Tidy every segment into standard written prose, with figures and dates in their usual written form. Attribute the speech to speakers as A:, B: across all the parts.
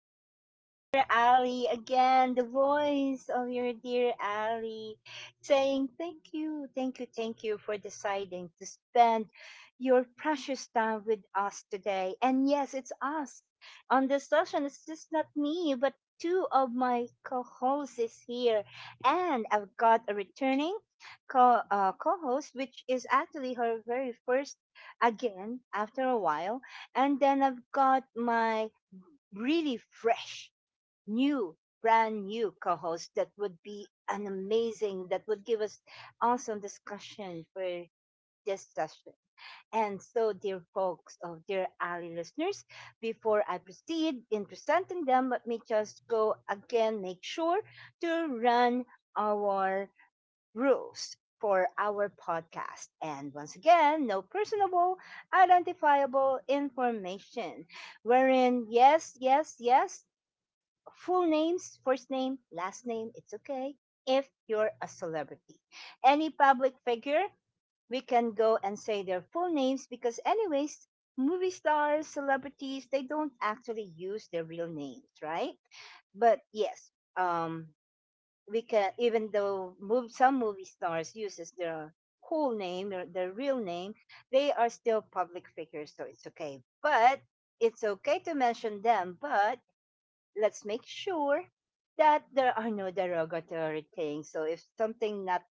A: This is your dear Ali again, the voice of your dear Ali saying thank you, thank you, thank you for deciding to spend your precious time with us today. And yes, it's us on this session. It's just not me, but two of my co-hosts is here. And I've got a returning co-host, which is actually her very first again after a while, and then I've got my really fresh, new, brand new co host that would be an amazing, that would give us awesome discussion for this session. And so, dear folks, oh, dear Ali listeners, before I proceed in presenting them, let me just go again make sure to run our rules for our podcast. And once again, no personable, identifiable information, wherein, yes, yes, yes, full names, first name, last name, it's okay if you're a celebrity. Any public figure, we can go and say their full names because, anyways, movie stars, celebrities, they don't actually use their real names, right? But yes, um, we can even though move, some movie stars uses their whole name their real name, they are still public figures so it's okay, but it's okay to mention them, but let's make sure that there are no derogatory things. So if something not,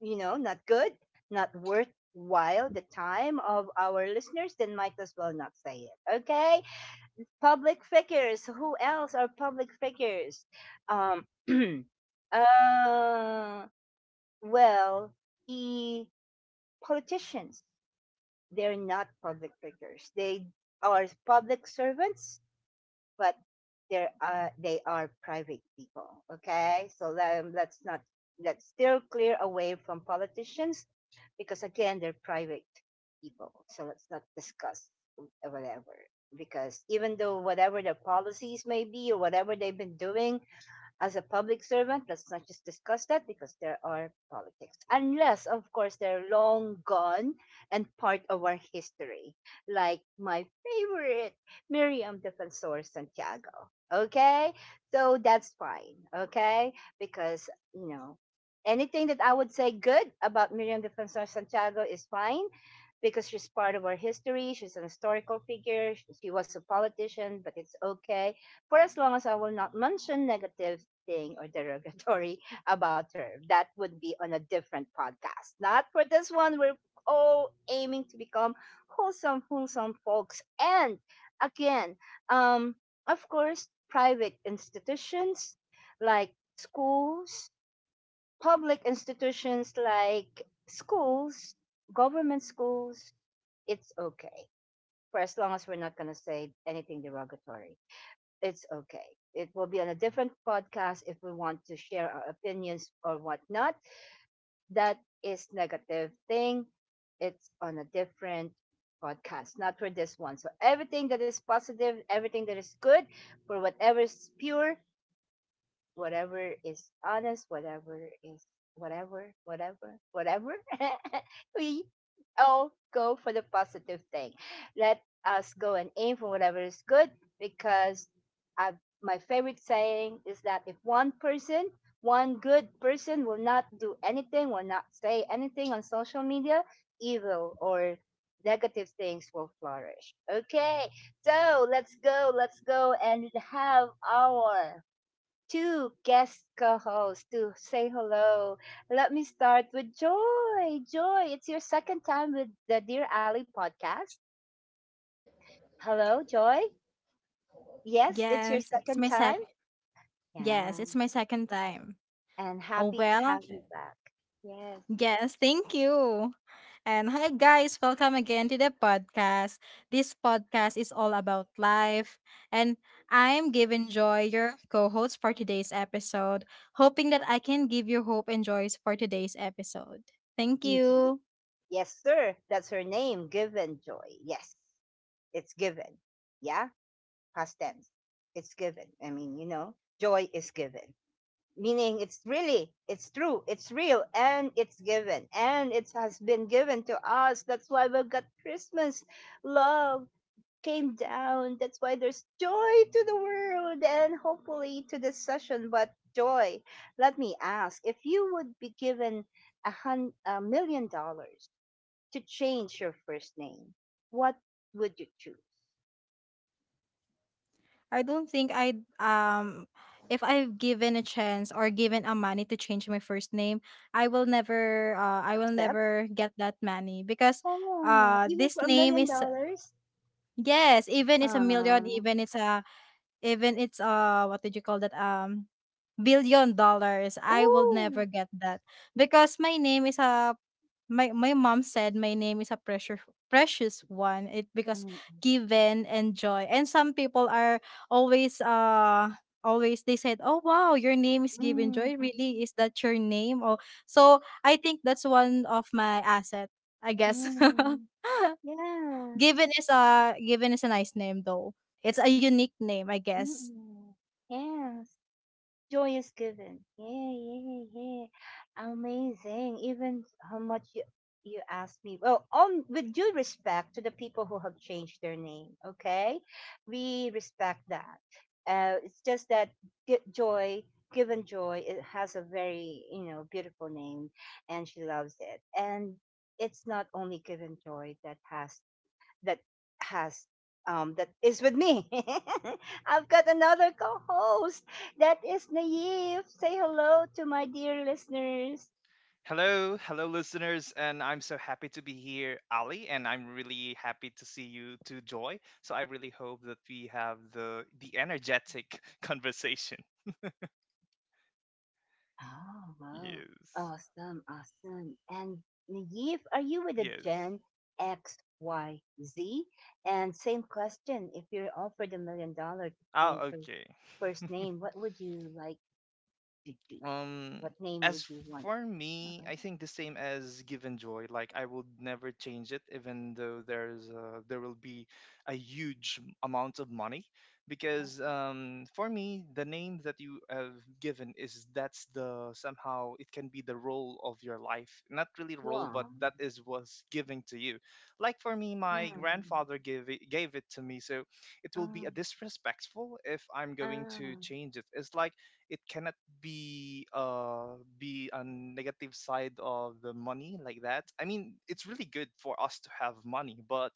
A: not good, not worthwhile the time of our listeners, then might as well not say it, okay? Public figures. Who else are public figures? Um, uh, well, the politicians. They're not public figures. They are public servants, but they are private people. Okay, so let's not, let's still clear away from politicians because again they're private people. So let's not discuss whatever, because even though whatever their policies may be or whatever they've been doing, as a public servant, let's not just discuss that because there are politics. Unless, of course, they're long gone and part of our history, like my favorite, Miriam Defensor Santiago. Okay? So that's fine. Okay? Because, you know, anything that I would say good about Miriam Defensor Santiago is fine because she's part of our history. She's an historical figure. She was a politician, but it's okay for as long as I will not mention negative thing or derogatory about her. That would be on a different podcast. Not for this one. We're all aiming to become wholesome, wholesome folks. And again, um, of course, private institutions like schools, public institutions like schools, government schools, it's okay for as long as we're not going to say anything derogatory, it's okay. It will be on a different podcast if we want to share our opinions or whatnot that is negative thing. It's on a different podcast, not for this one. So everything that is positive, everything that is good, for whatever is pure, whatever is honest, whatever is, whatever, whatever, whatever, we all go for the positive thing. Let us go and aim for whatever is good because I, my favorite saying is that if one person, one good person will not do anything, will not say anything on social media, evil or negative things will flourish. Okay, so let's go and have our two guest co-hosts to say hello. Let me start with Joy. Joy, it's your second time with the Dear Ali podcast. Hello, Joy. Yes, it's your
B: Yes, it's
A: second
B: my sec
A: time.
B: yes,
A: Yeah,
B: it's my second time.
A: and
B: Oh
A: happy to
B: well,
A: have you back. Yes,
B: yes, thank you. And hi guys, welcome again to the podcast. This podcast is all about life, and I'm Given Joy, your co-host for today's episode, hoping that I can give you hope and joys for today's episode. Thank
A: indeed.
B: you.
A: Yes, sir. That's her name, given Joy. Yes, it's given. Yeah, past tense. It's given. I mean, joy is given, meaning it's really, it's true, it's real, and it's given, and it has been given to us. That's why we've got Christmas. Love came down. That's why there's joy to the world, and hopefully to this session. But Joy, let me ask, if you would be given $1 million to change your first name, what would you choose?
B: I don't think I'd if I've given a chance or given a money to change my first name, I will
A: Accept,
B: never get that money because
A: oh, even
B: this
A: for a
B: name
A: million
B: is
A: dollars
B: yes, even it's a million,
A: um
B: even it's uh, what did you call that? Um, billion dollars. I will never
A: oh.
B: get that. Because my name is a my mom said my name is a precious one. It because given and joy. And some people are always uh always they said, "Oh wow, your name is given
A: Mm,
B: joy. Really? Is that your name?" Oh, so I think that's one of my asset, I guess.
A: mm. Yeah.
B: Given is a nice name though. It's a unique name, I guess.
A: Mm. Yes. Joy is given. Yeah, yeah, yeah. Amazing. Even how much you asked me. Well, on with due respect to the people who have changed their name, okay? We respect that. It's just that joy, given joy, it has a very, beautiful name, and she loves it. And it's not only given joy that has that is with me. I've got another co-host that is Naive. Say hello to my dear listeners.
C: Hello, hello, listeners, and I'm so happy to be here, Ali, and I'm really happy to see you too, Joy. So I really hope that we have the energetic conversation.
A: Oh wow.
C: Yes,
A: Awesome, awesome. And Naive, are you with a
C: yes.
A: Gen XYZ? And same question, if you're offered $1 million to change
C: Oh,
A: her
C: okay.
A: first name, what would you like to choose?
C: Um,
A: What name would
C: as
A: you want?
C: for me,
A: Uh,
C: I think the same as give and joy. Like I would never change it, even though there will be a huge amount of money, because for me the name that you have given is that's the somehow it can be the role of your life, not really role, but
A: Wow.
C: that is what's giving to you. Like for me, my
A: Mm,
C: grandfather gave it to me, so it will be
A: mm,
C: a disrespectful if I'm going to
A: mm.
C: change it. It's like it cannot be a negative side of the money, like that. I mean, it's really good for us to have money, but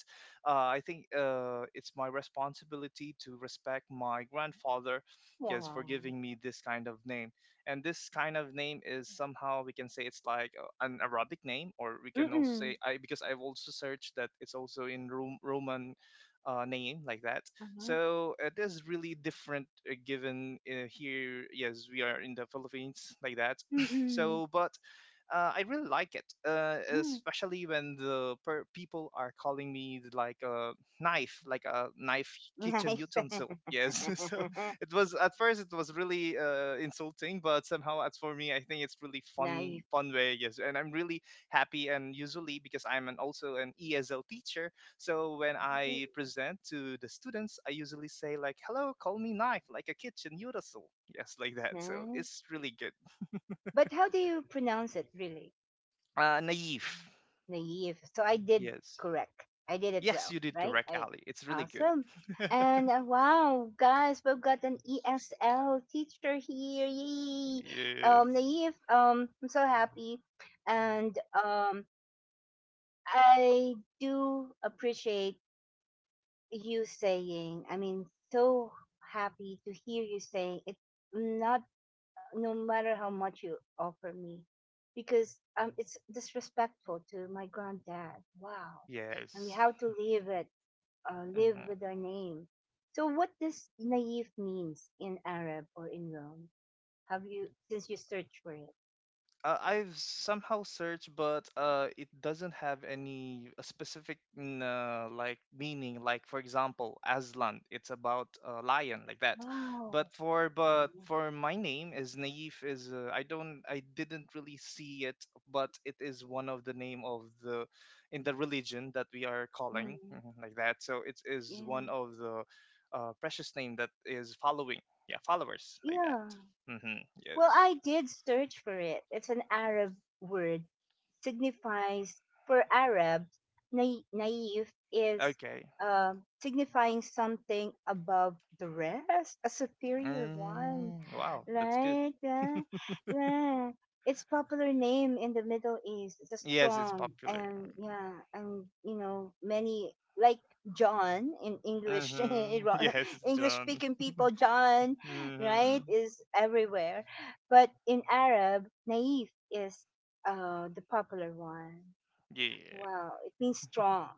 C: I think it's my responsibility to respect my grandfather, yes, for
A: Wow.
C: giving me this kind of name. And this kind of name is somehow, we can say it's like an Arabic name, or we can also
A: Mm.
C: say, I because I've also searched that it's also in Roman name, like that.
A: Uh-huh.
C: So it is really different. Given here, yes, we are in the Philippines, like that.
A: Mm.
C: So, but I really like it,
A: Mm.
C: especially when the people are calling me like a knife kitchen
A: Nice.
C: utensil. Yes, so it was, at first it was really insulting, but somehow, as for me, I think it's really fun,
A: Naive.
C: fun way. Yes, and I'm really happy. And usually, because I'm an, also an ESL teacher, so when I present to the students, I usually say like, "Hello, call me knife, like a kitchen utensil." Yes, like that. So
A: Nice.
C: it's really good.
A: But how do you pronounce it really?
C: Naive.
A: Naive. So I did
C: Yes.
A: correct. I did it
C: Yes,
A: well,
C: you did
A: right?
C: correct,
A: I
C: Ali. It's really good.
A: awesome. And wow, guys, we've got an ESL teacher here. Yay.
C: Yes.
A: Naive, I'm so happy. And I do appreciate you saying, I mean, so happy to hear you saying it's not, no matter how much you offer me, because it's disrespectful to my granddad. Wow. And we
C: Yes.
A: have to live it, live
C: Mhm.
A: with our name. So what does naive means in Arab or in Rome? Have you since you search for it?
C: I've somehow searched, but it doesn't have any like meaning. Like for example, Aslan, it's about a lion, like that.
A: Wow.
C: But for but
A: Yeah.
C: for my name is Naif is, I don't, I didn't really see it, but it is one of the name of the in the religion that we are calling,
A: Mm,
C: mhm, like that. So it is
A: yeah.
C: one of the precious name that is following, yeah, followers like that.
A: Yeah.
C: Hmm,
A: Well,
C: yes.
A: I did search for it. It's an Arab word. Signifies for Arabs, naive is
C: Okay.
A: signifying something above the rest, a superior one.
C: Mm, wow, that's good.
A: Right? Yeah. Yeah. It's popular name in the Middle East. It's a
C: Yes, it's
A: strong
C: popular.
A: and yeah, and you know, many like John in English.
C: Mm-hmm. Yes,
A: English
C: John.
A: speaking people, John,
C: Mm-hmm.
A: right, is everywhere. But in Arab, Naif is the popular one.
C: Yeah.
A: Wow, it means strong,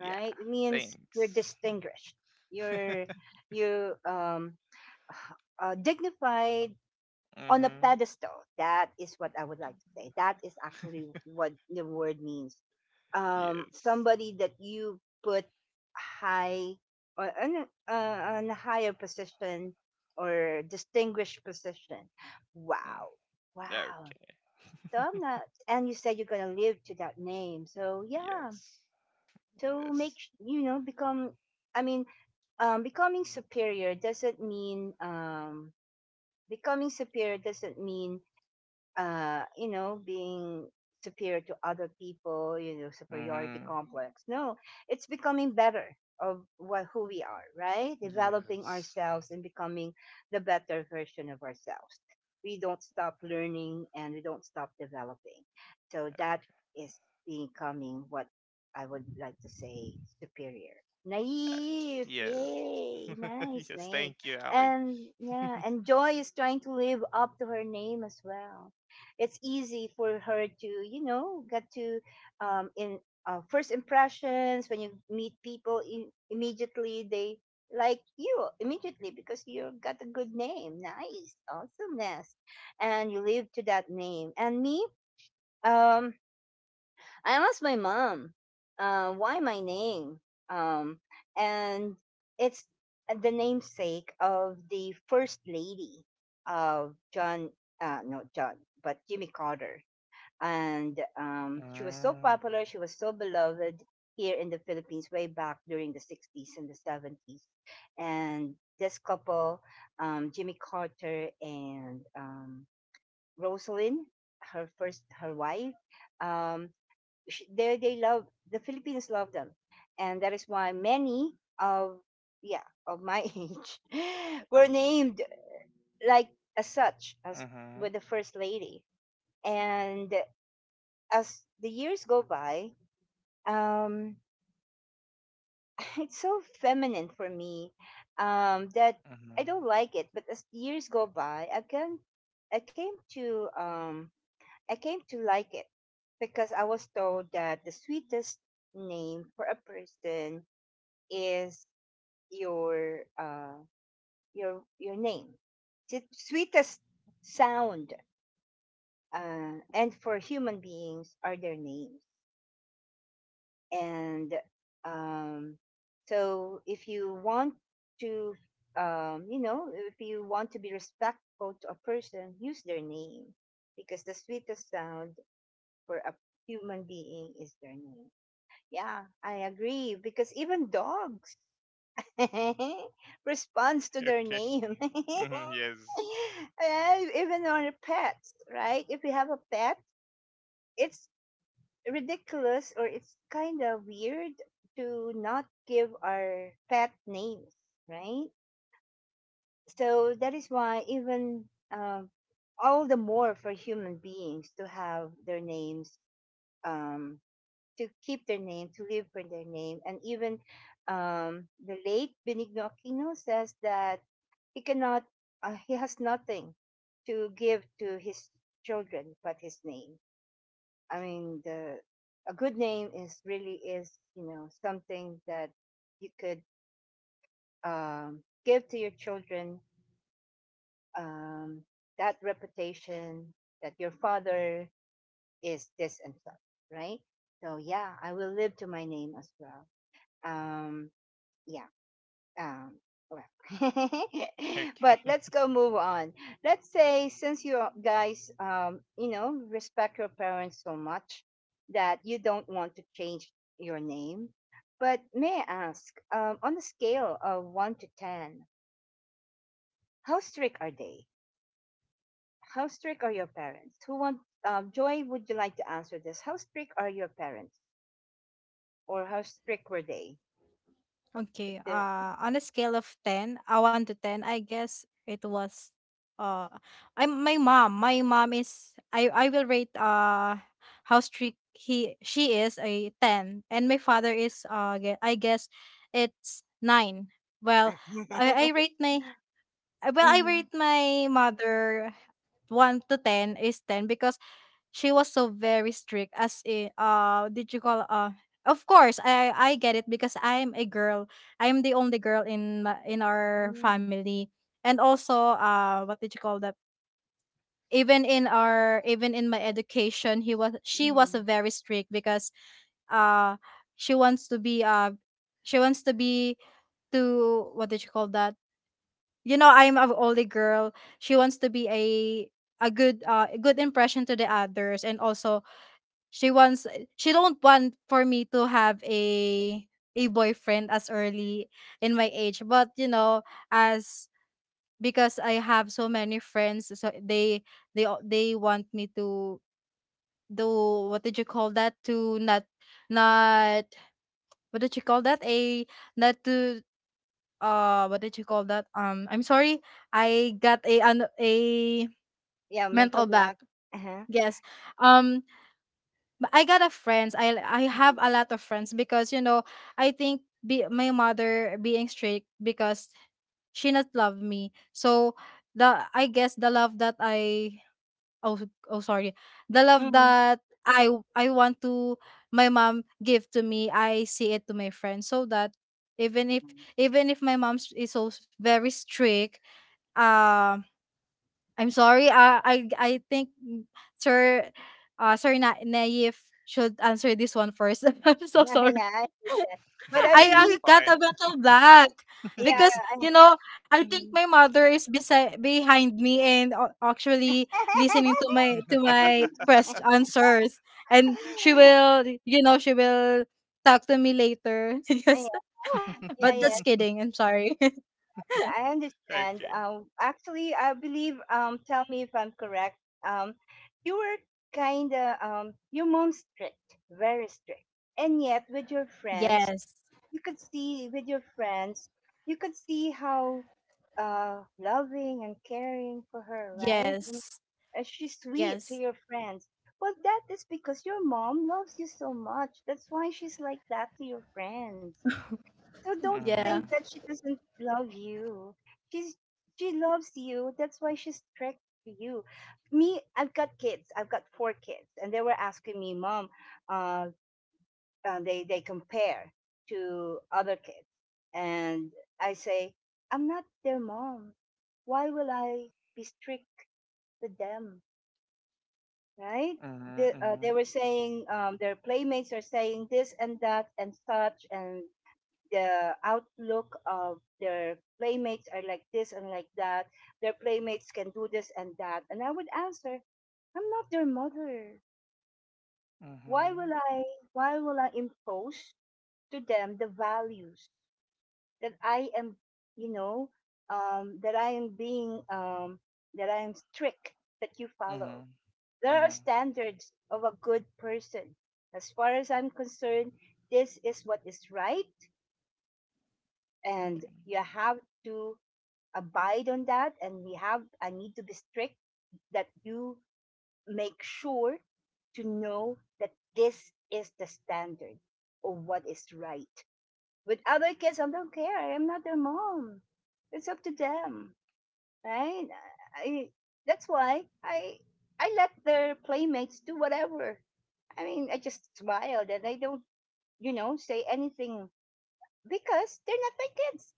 C: Yeah.
A: right? It means you're
C: Thanks.
A: distinguished. You're you dignified on a
C: Mm-hmm.
A: pedestal. That is what I would like to say. That is actually what the word means.
C: Yes.
A: Somebody that you put high or on, on a higher position or distinguished position.
C: Mm.
A: Wow, wow.
C: Okay.
A: So I'm not, and you said you're gonna live to that name. So yeah,
C: Yes.
A: so
C: Yes.
A: you know become. I mean, um, becoming superior doesn't mean um, becoming superior doesn't mean you know, being superior to other people, you know, superiority
C: Mm-hmm.
A: complex. No, it's becoming better of what who we are, right? Developing
C: Yes.
A: ourselves and becoming the better version of ourselves. We don't stop learning and we don't stop developing. So that is becoming what I would like to say superior. Naive,
C: Yes.
A: yay, nice
C: Yes.
A: name.
C: Thank you, Ali.
A: And yeah, and Joy is trying to live up to her name as well. It's easy for her to, get to in first impressions. When you meet people, immediately they like you immediately, because you got a good name, nice awesomeness, and you live to that name. And me, um I asked my mom why my name, um and it's the namesake of the first lady of John, no John, but Jimmy Carter. And she was so
C: Mm,
A: popular. She was so beloved here in the Philippines way back during the '60s and the '70s. And this couple, Jimmy Carter and Rosalind, her first her wife, um, sh they love the Philippines, love them, and that is why many of, yeah, of my age were named like as such as
C: mhm,
A: with the first lady. And as the years go by, um, it's so feminine for me, that I
C: mhm.
A: don't like it. But as the years go by, I can, I came to, um, I came to like it because I was told that the sweetest name for a person is your, your name. The sweetest sound, and for human beings are their names. And um, so if you want to you know, if you want to be respectful to a person, use their name because the sweetest sound for a human being is their name. Yeah, I agree, because even dogs responds to their
C: Okay.
A: name.
C: Mhm, yes.
A: Yeah, even on a pet, right? If you have a pet, it's ridiculous or it's kind of weird to not give our pet names, right? So that is why even uh, all the more for human beings to have their names, um, to keep their name, to live for their name. And even the late Benigno Aquino says that he cannot, he has nothing to give to his children but his name. I mean, the, a good name is really is, you know, something that you could give to your children, um, that reputation that your father is this and such, right? So yeah, I will live to my name as well. Um, yeah, um, well, but
C: Okay.
A: let's go move on. Let's say since you guys, you know, respect your parents so much that you don't want to change your name. But may I ask, on a scale of one to ten, how strict are they? How strict are your parents? Who want? Joy, would you like to answer this? How strict are your parents, or how strict were they? If
B: Okay.
A: they're...
B: On a scale of 10, 1 to 10, I guess it was uh I am my mom is I will rate how strict he she is, a 10, and my father is I guess it's 9. Well, I I rate my well, I rate my mother 1 to 10 is 10 because she was so very strict, as in did you call of course I get it because I'm a girl. I'm the only girl in in our
A: Mm-hmm.
B: family, and also what did you call that even in my education, he was she was very strict because uh she wants to be uh she wants to be, to what did you call that you know, I'm an only girl. She wants to be a good, good impression to the others, and also she wants she don't want for me to have a boyfriend as early in my age. But you know, as because I have so many friends, so they want me to do, what did you call that? to not, not what did you call that? A not to, what did you call that? I'm sorry. I got a an a
A: Yeah, mental
B: mental back.
A: block. Uh-huh.
B: Yes. Um but I got a friends. I have a
A: Mm-hmm.
B: lot of friends because you know I think my mother being strict because she not love me. So the I guess the love that I oh oh sorry the love
A: Mm-hmm.
B: that I want to, my mom give to me, I see it to my friends, so that even if even if my mom is so very strict. Um. I'm sorry. Sir, Naif should answer this one first. I'm so sorry.
A: Yeah, I understand. But I
C: Okay.
B: I
C: It's
A: believe,
B: got
C: fine.
B: a battle black,
A: yeah,
B: because
A: I,
B: you know I think
A: mhm.
B: my mother is beside behind me and actually listening to my quest answers, and she will, you know, she will talk to me later.
A: Yeah,
B: Yes, but
A: yeah,
B: just
A: yes,
B: kidding. I'm sorry.
A: I understand.
C: Okay.
A: Actually, I believe. Tell me if I'm correct. Um, you were kind of your mom's strict, very strict, and yet with your friends,
B: Yes,
A: you could see with your friends, you could see how loving and caring for her, right? And
B: yes,
A: she's sweet to
B: yes,
A: your friends. Well, that is because your mom loves you so much. That's why she's like that to your friends. So don't
C: Mm-hmm.
A: think
B: yeah.
A: that she doesn't love you. She's she loves you. That's why she's strict to you. Me, I've got kids. I've got four kids, and they were asking me, "Mom, uh, they compare to other kids and I say I'm not their mom, why will I be strict with them, right?
C: Mhm, mhm,
A: They were saying their playmates are saying this and that and such, and the outlook of their playmates are like this and like that, their playmates can do this and that, and I would answer, I'm not their mother, why
C: mhm,
A: will I, why will I impose to them the values that I am, you know, that I am being, that I am strict that you follow.
C: mhm,
A: There are
C: mhm.
A: standards of a good person. As far as I'm concerned, this is what is right, and
C: Okay.
A: you have to abide on that. And we have, I need to be strict that you make sure to know that this is the standard of what is right. With other kids, I don't care. I'm not their mom. It's up to them, right? I that's why I let their playmates do whatever. I mean, I just smiled and I don't, you know, say anything because they're not my kids.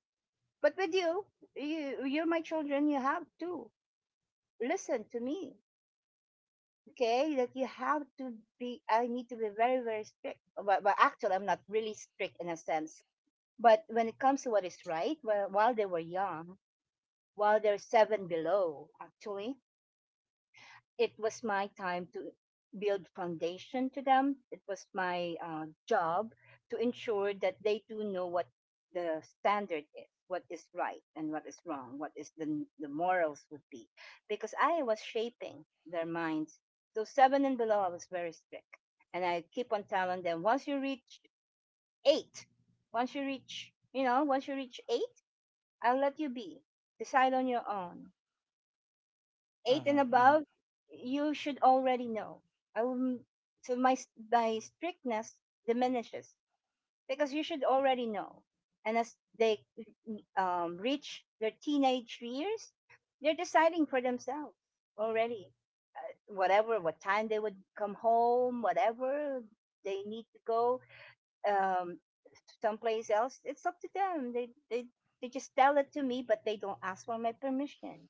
A: But with you, you're my children. You have to listen to me, okay? That you have to be. I need to be very very strict. But actually, I'm not really strict in a sense. But when it comes to what is right, well, while they were young, while they're seven below, actually, it was my time to build foundation to them. It was my job to ensure that they do know what the standard is, what is right and what is wrong, what is the morals would be, because I was shaping their minds. So seven and below, I was very strict, and I keep on telling them once you reach eight, once you reach eight, I'll let you be decide on your own, eight and
C: Mhm, mhm,
A: above, you should already know. I so my strictness diminishes because you should already know. And as they reach their teenage years, they're deciding for themselves already. Whatever, what time they would come home, whatever they need to go um, someplace else, it's up to them. They they just tell it to me, but they don't ask for my permission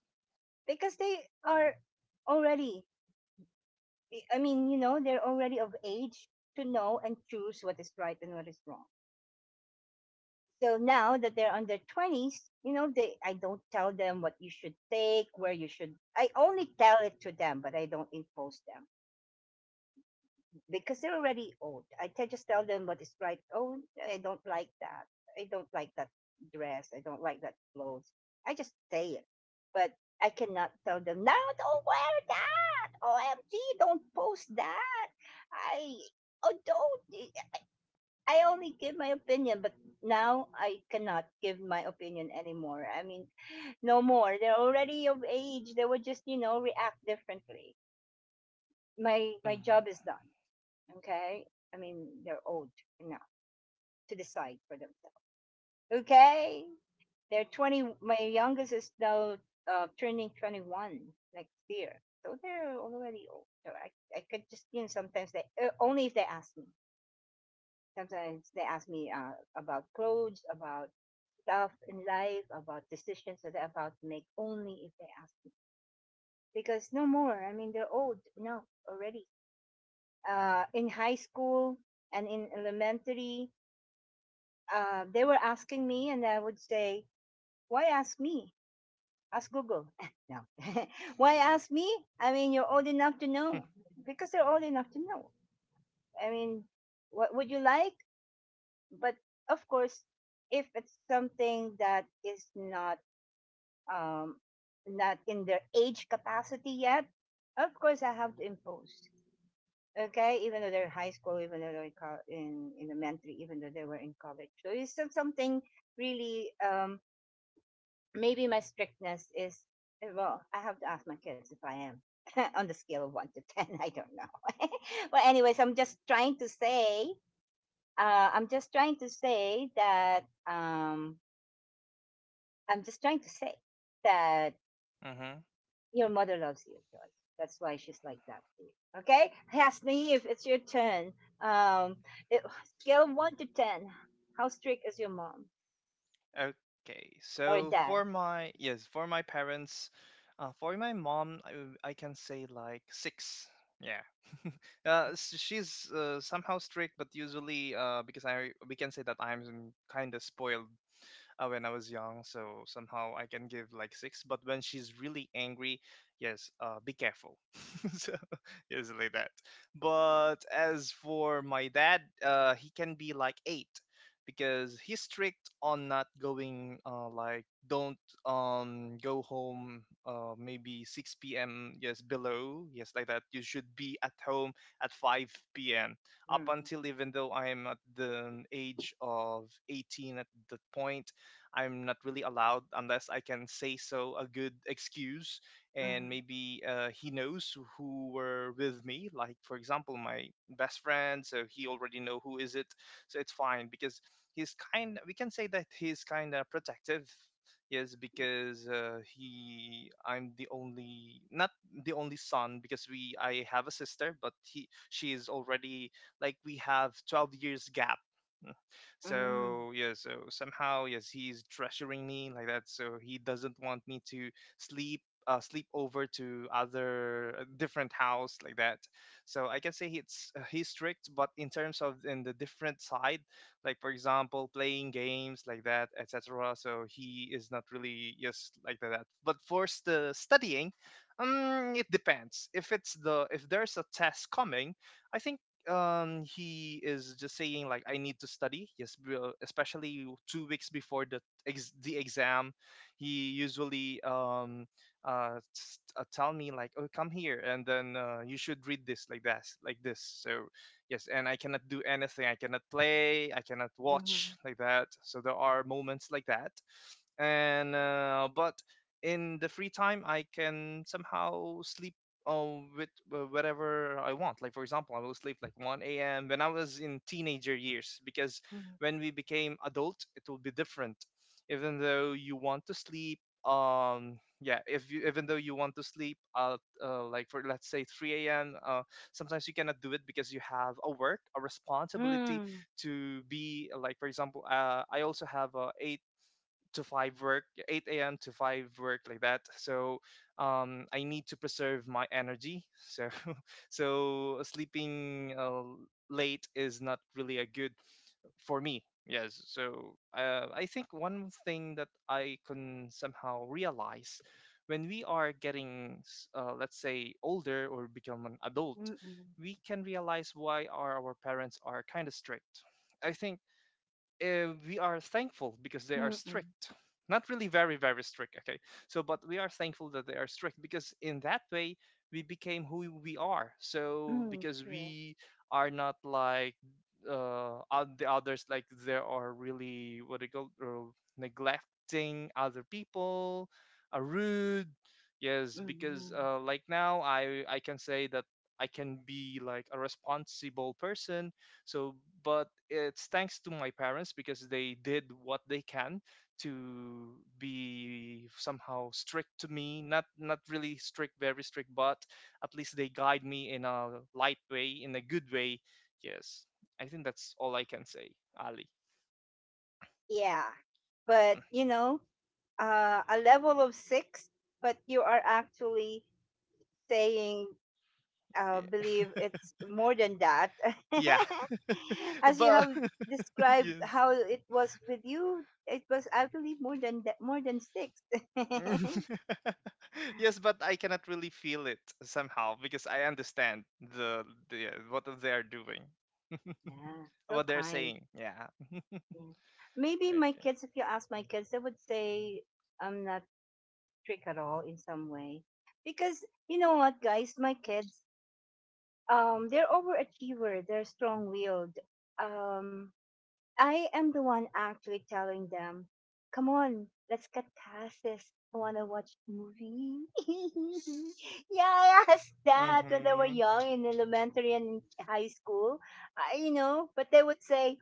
A: because they are already. I mean, you know, they're already of age to know and choose what is right and what is wrong. So now that they're on their 20s, you know, they I don't tell them what you should take, where you should. I only tell it to them, but I don't impose them because they're already old. Just tell them what is right. Oh, I don't like that. I don't like that dress. I don't like that clothes. I just say it, but I cannot tell them now. Don't wear that. OMG! Don't post that. I oh don't. I only give my opinion, but now I cannot give my opinion anymore. I mean, no more. They're already of age. They would just, you know, react differently. My
C: mhm,
A: job is done. Okay. I mean, they're old enough to decide for themselves. Okay. They're 20. My youngest is now turning 21 next year, so they're already old. So I could just, you know, sometimes they only if they ask me. Sometimes they ask me about clothes, about stuff in life, about decisions that they am about to make only if they ask me. Because no more. I mean, they're old now already. In high school and in elementary, they were asking me, and I would say, why ask me? Ask Google. No. Why ask me? I mean, you're old enough to know. Because they're old enough to know. I mean, what would you like? But of course, if it's something that is not um, not in their age capacity yet, of course I have to impose. Okay, even though they're high school, even though they're in in elementary, even though they were in college. So it's still something really. Maybe my strictness is eh, well, I have to ask my kids if I am on the scale of one to ten. I don't know. Well, anyways, I'm just trying to say. I'm just trying to say that. I'm just trying to say that
C: mhm.
A: your mother loves you, John. That's why she's like that to you. Okay? Hasni, if it's your turn, um, it, scale of 1 to 10, how strict is your mom
C: Okay.
A: or
C: So
A: dad?
C: for my, yes, for my parents, for my mom, I can say like six. Yeah. She's somehow strict, but usually because I, we can say that I'm kind of spoiled when I was young, so somehow I can give like six. But when she's really angry, yes, be careful. So yes, like that. But as for my dad, he can be like eight, because he's strict on not going, like, don't go home, maybe 6 p.m, yes, below, yes, like that, you should be at home at 5 p.m, up
A: Mm,
C: until, even though I am at the age of 18 at that point, I'm not really allowed unless I can say so a good excuse, and
A: mm,
C: maybe he knows who were with me. Like for example, my best friend, so he already know who is it, so it's fine because he's kind. We can say that he's kind of protective. Yes, because I'm the only, not the only son, because we, I have a sister, but he, she is already like, we have 12 years gap,
A: mm,
C: so yeah, so somehow yes, he's treasuring me like that. So he doesn't want me to sleep. Sleep over to other a different house, like that. So I can say it's he's strict, but in terms of in the different side, like for example playing games, like that, etc, so he is not really, yes, like that, but for the studying, it depends if it's the, if there's a test coming, I think he is just saying like, I need to study, yes, especially 2 weeks before the the exam. He usually tell me like, oh, come here, and then you should read this, like that, like this. So yes, and I cannot do anything, I cannot play, I cannot watch,
A: mm,
C: like that. So there are moments like that, and but in the free time I can somehow sleep uh, with whatever I want. Like for example, I will sleep like 1 a.m when I was in teenager years, because when we became adult it will be different. Even though you want to sleep, yeah, if you, even though you want to sleep at, like, for let's say 3 a.m, sometimes you cannot do it because you have a work, a responsibility
A: mm,
C: to be, like for example, I also have a to 5 work, 8 a.m to 5 work, like that. So I need to preserve my energy, so so sleeping late is not really a good for me, yes. So I think one thing that I can somehow realize when we are getting let's say older, or become an adult,
A: mm, mm, mm,
C: we can realize why are our parents are kind of strict. I think we are thankful because they are
A: mm,
C: strict, not really very very strict, okay? So, but we are thankful that they are strict, because in that way we became who we are. So
A: mm,
C: because
A: correct.
C: we are not like uh the others, like there are really what they call neglecting other people, are rude. Yes,
A: Mm,
C: because
A: mm.
C: like now, I can say that I can be like a responsible person. So, but it's thanks to my parents, because they did what they can to be somehow strict to me. Not not really strict, very strict, but at least they guide me in a light way, in a good way. Yes, I think that's all I can say, Ali.
A: Yeah. But,
C: Mm.
A: you know, a level of six, but you are actually saying
C: Yeah,
A: believe it's more than that.
C: yeah,
A: As you
C: but
A: have described
C: yes.
A: how it was with you, it was, I believe, more than that, more than six. Yeah,
C: Yes, but I cannot really feel it somehow because I understand the what they are doing,
A: so
C: what they're
A: kind.
C: saying. Yeah.
A: Yeah. Maybe my
C: Okay.
A: kids, if you ask my kids, they would say I'm not strict at all in some way, because you know what, guys, my kids, they're overachiever. They're strong-willed. Um, I am the one actually telling them, come on, let's get past this. I want to watch movie. Yeah, I asked that when they were
C: Mm-hmm.
A: young in elementary and high school. You know, but they would say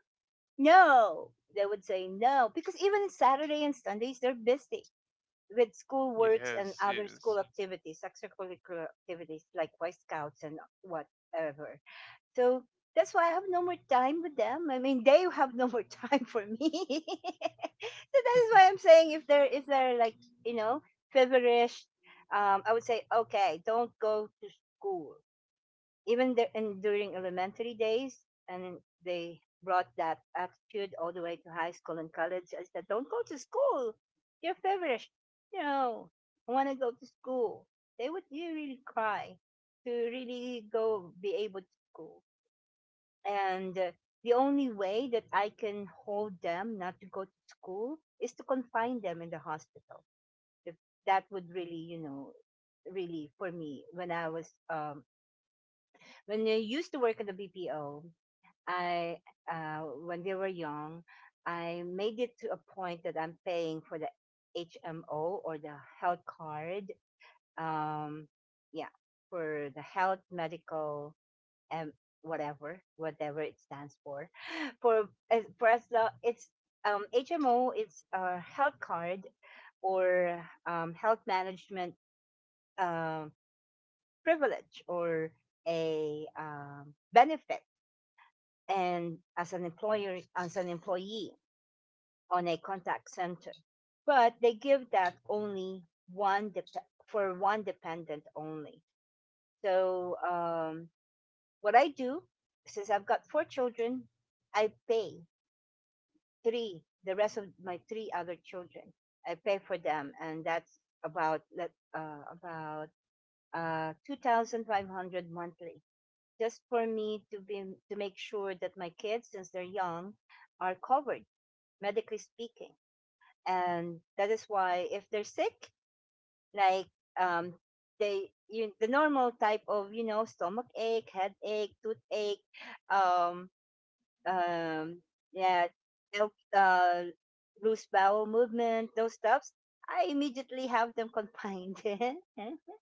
A: no. They would say no because even Saturday and Sundays they're busy with school works and
C: Yes,
A: other school
C: yes.
A: activities, extracurricular activities like Boy Scouts and whatever. So that's why I have no more time with them. I mean, they have no more time for me. So that is why I'm saying if they're like you know feverish, I would say okay, don't go to school. Even the, and during elementary days, and they brought that attitude all the way to high school and college. I said, don't go to school. You're feverish. No, I want to go to school. They would you really cry to really go be able to school. And the only way that I can hold them not to go to school is to confine them in the hospital. If that would really, you know, really for me when I was when I used to work at the BPO, I uh when they were young, I made it to a point that I'm paying for the HMO or the health card. Um yeah, for the health medical and whatever whatever it stands for for as long it's HMO, it's a health card or health management uh, privilege or a benefit and as an employer as an employee on a contact center, but they give that only one dep for one dependent only. So what I do, since I've got four children, I pay three, the rest of my three other children. I pay for them, and that's about $2,500 monthly, just for me to be to make sure that my kids, since they're young, are covered medically speaking, and that is why if they're sick, like um, they you, the normal type of you know stomach ache, headache, toothache, um, um, yeah, they'll, uh, loose bowel movement, those stuffs, I immediately have them confined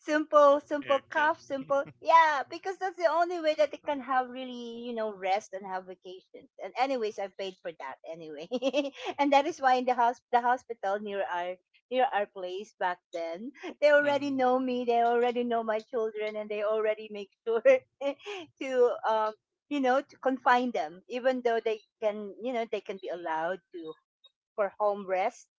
A: simple, simple
C: Okay.
A: cough, simple. Yeah, because that's the only way that they can have really, you know, rest and have vacations. And anyways, I paid for that anyway, and that is why in the house, the hospital near our place back then, they already
C: Mm-hmm.
A: know me. They already know my children, and they already make sure to um to confine them, even though they can they can be allowed to for home rest,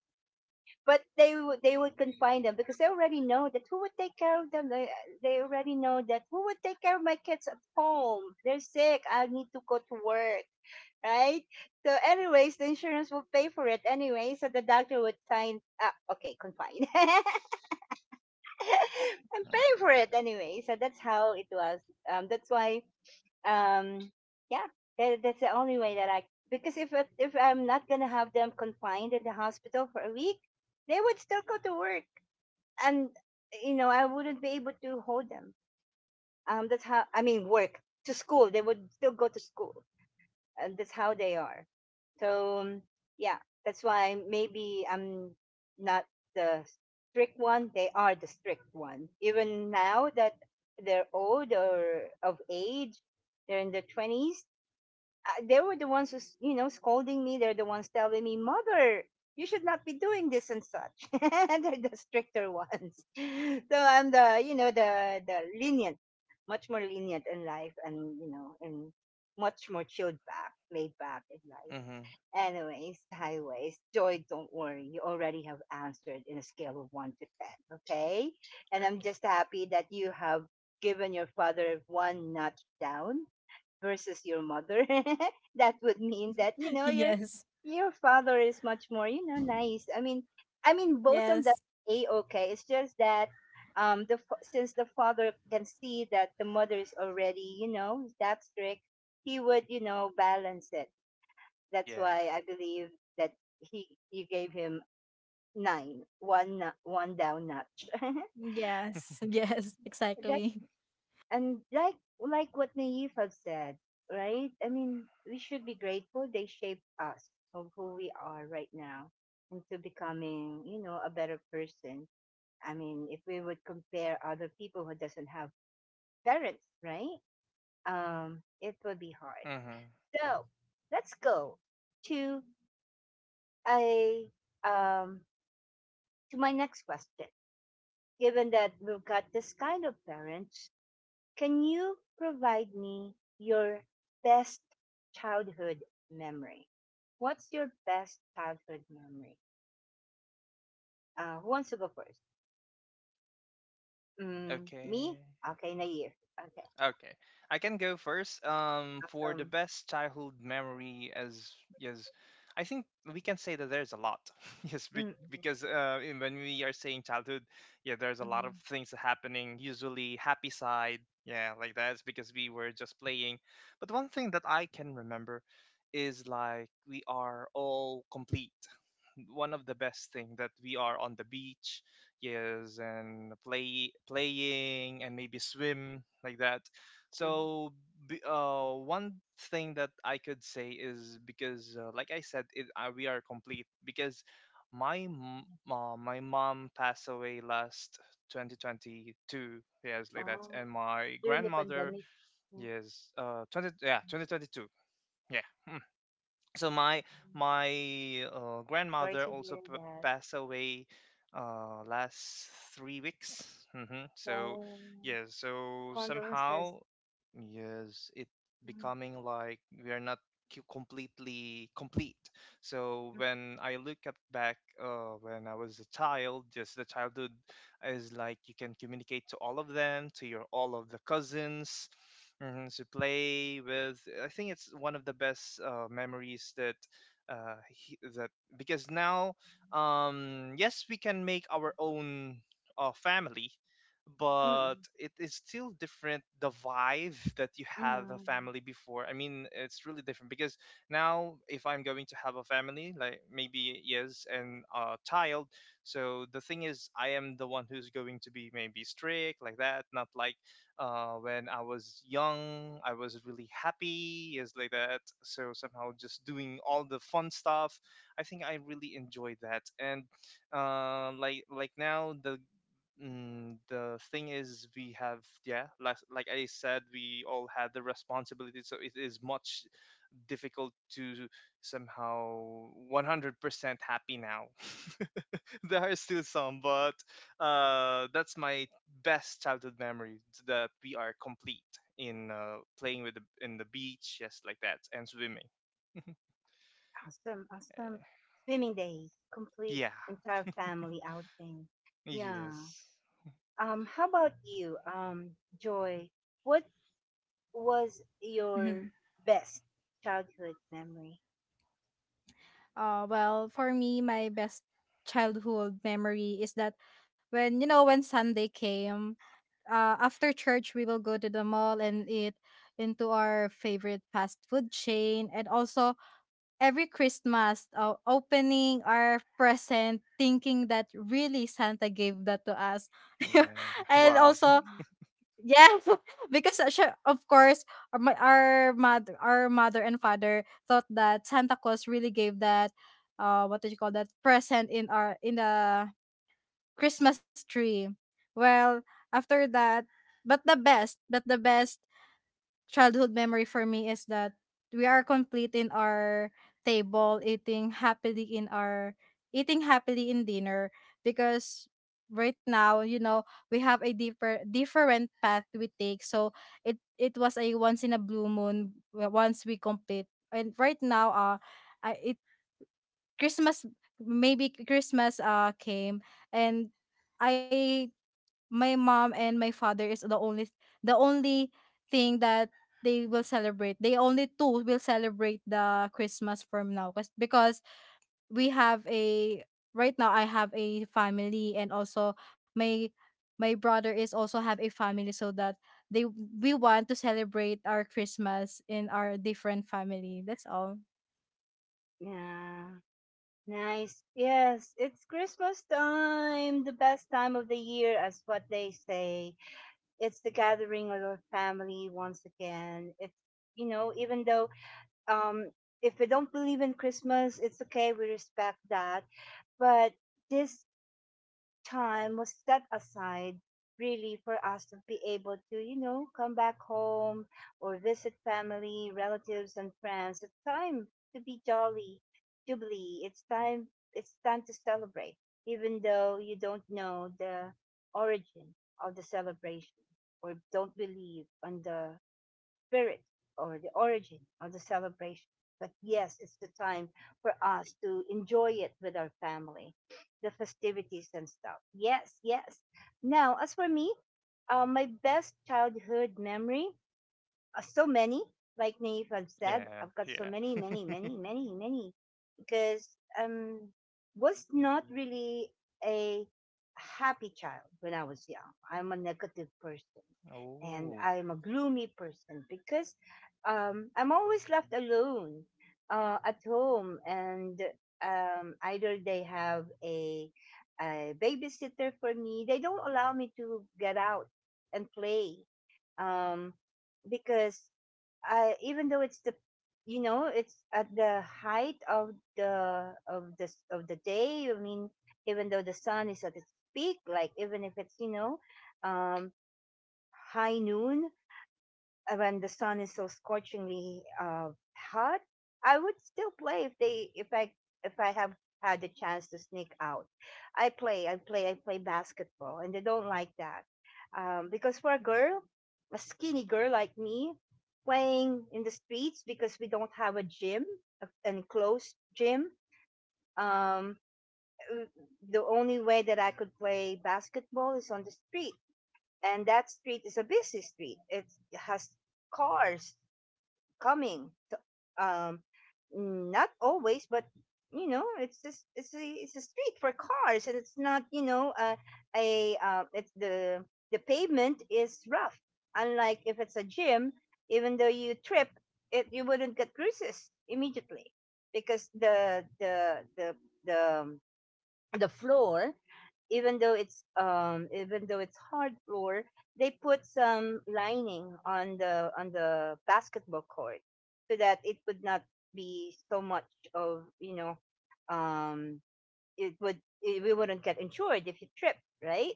A: but they would confine them because they already know that who would take care of them. They already know that who would take care of my kids at home. They're sick. I need to go to work, right? So, anyways, the insurance will pay for it anyway. So the doctor would sign. Ah, okay, confine. I'm
C: Yeah.
A: paying for it anyway. So that's how it was. That's why. Um, yeah, that's the only way that I, because if I'm not gonna have them confined in the hospital for a week, they would still go to work, and I wouldn't be able to hold them. That's how, I mean, work to school. They would still go to school, and that's how they are. So yeah, that's why maybe I'm not the strict one. They are the strict one. Even now that they're old or of age, they're in their twenties, they were the ones who's, scolding me, they're the ones telling me, Mother, you should not be doing this and such. They're the stricter ones. So I'm the, the lenient, much more lenient in life, and, and much more chilled back, laid back in life.
C: Mm-hmm.
A: Anyways, highways, Joy, don't worry, you already have answered in a scale of 1 to 10, okay, and I'm
C: Okay.
A: just happy that you have given your father one notch down versus your mother, that would mean that, your
B: Yes.
A: father is much more, nice. I mean, both of them,
B: Yes.
A: a okay. It's just that since the father can see that the mother is already, that strict, he would, balance it. That's
C: Yeah.
A: why I believe that he you gave him nine, one down notch.
B: Yes. Yes, exactly.
A: And like what Naive have said, right? I mean, we should be grateful, they shaped us of who we are right now into becoming, a better person. I mean, if we would compare other people who doesn't have parents, right? It would be hard.
C: Mm-hmm.
A: So let's go to a um to my next question. Given that we've got this kind of parents, can you provide me your best childhood memory? What's your best childhood memory? Who wants to go first? Me?
C: Okay.
A: Okay, Nair. Okay,
C: Okay, I can go first. For the
A: awesome.
C: best childhood memory, as yes, I think we can say that there's a lot. Yes,
A: Mm, mm,
C: because when we are saying childhood, yeah, there's a lot of
A: mm,
C: things happening. Usually, happy side, yeah, like that's because we were just playing. But one thing that I can remember is like we are all complete. One of the best thing that we are on the beach, yes, and playing and maybe swim, like that.
A: mm.
C: So one thing that I could say is because like I said it, we are complete, because my m- my mom passed away last 2022, yes, like that,
A: Oh,
C: and my
A: during the
C: grandmother,
A: pandemic. Yeah.
C: yes, uh 20 yeah 2022, yeah. So my
A: Sorry
C: grandmother
A: to
C: also
A: hear that.
C: passed away last 3 weeks, hmm. So
A: Oh,
C: yeah, so
A: condolences.
C: somehow yes, it
A: Mm,
C: becoming like we are not completely complete. So
A: mm,
C: when I look up back, when I was a child, just the childhood, is like you can communicate to all of them, to your all of the cousins, mhm, to play with. I think it's one of the best memories that, because now, yes, we can make our own family, but
A: mm,
C: it is still different, the vibe that you have a
A: mm.
C: family before. I mean, it's really different, because now if I'm going to have a family, like, maybe yes, and a child, so the thing is, I am the one who's going to be maybe strict, like that, not like when I was young, I was really happy, is like that. So somehow just doing all the fun stuff, I think I really enjoyed that. And like now the. Mm, the thing is, we have, yeah, I said, we all had the responsibility, so it is much difficult to somehow 100% happy now. There are still some, but that's my best childhood memory, that we are complete in playing with the, in the beach, just like that, and swimming.
A: Awesome,
C: Eh,
A: awesome. Swimming days, complete
C: yeah.
A: entire family outing. Yeah.
C: Yes.
A: How about you, Joy? What was your
B: Mhm.
A: best childhood memory?
B: Well, for me, my best childhood memory is that, when you know, when Sunday came, after church we will go to the mall and eat into our favorite fast food chain, and also every Christmas, opening our present, thinking that really Santa gave that to us,
C: Yeah.
B: and
C: Wow.
B: also,
A: Mhm.
B: yeah, because sure, of course, our mother and father thought that Santa Claus really gave that, what did you call that present in our in the Christmas tree. Well, after that, but the best childhood memory for me is that we are complete in our table, eating happily in dinner, because right now, you know, we have a deeper different path we take, so it was a once in a blue moon once we complete. And right now, I, it christmas maybe Christmas came, and I my mom and my father is the only, the only thing that they will celebrate. They only two will celebrate the Christmas from now because we have a, right now I have a family, and also my my brother is also have a family, so that they, we want to celebrate our Christmas in our different family. That's all.
A: Yeah. Nice. Yes, it's Christmas time, the best time of the year, as what they say. It's the gathering of our family once again. It's, even though, um, if we don't believe in Christmas, it's okay. We respect that, but this time was set aside really for us to be able to, come back home or visit family relatives and friends. It's time to be jolly, jubilee. It's time to celebrate, even though you don't know the origin of the celebration or don't believe on the spirit or the origin of the celebration. But yes, it's the time for us to enjoy it with our family, the festivities and stuff. Yes, yes. Now, as for me, my best childhood memory, so many, like Naif have said,
C: Yeah.
A: I've got so
C: Yeah.
A: many, many, many, many, many, because um, was not really a happy child when I was young. I'm a negative person, and
C: Oh.
A: I'm a gloomy person because, I'm always left alone, at home, and, either they have a babysitter for me. They don't allow me to get out and play, um, because, I even though it's the you know it's at the height of the, day. I mean, even though the sun is at its peak, like even if it's, um, high noon, when the sun is so scorchingly, hot, I would still play if I have had the chance to sneak out. I play basketball, and they don't like that, because for a girl, a skinny girl like me, playing in the streets because we don't have a gym, an enclosed gym. Um, uh, the only way that I could play basketball is on the street, and that street is a busy street. It has cars coming to, um not always, but, it's just, it's a street for cars, and it's not, a it's, the pavement is rough, unlike if it's a gym. Even though you trip, it you wouldn't get bruises immediately because the um, the floor, even though it's hard floor, they put some lining on the basketball court so that it would not be so much of, um we wouldn't get insured if you trip, right.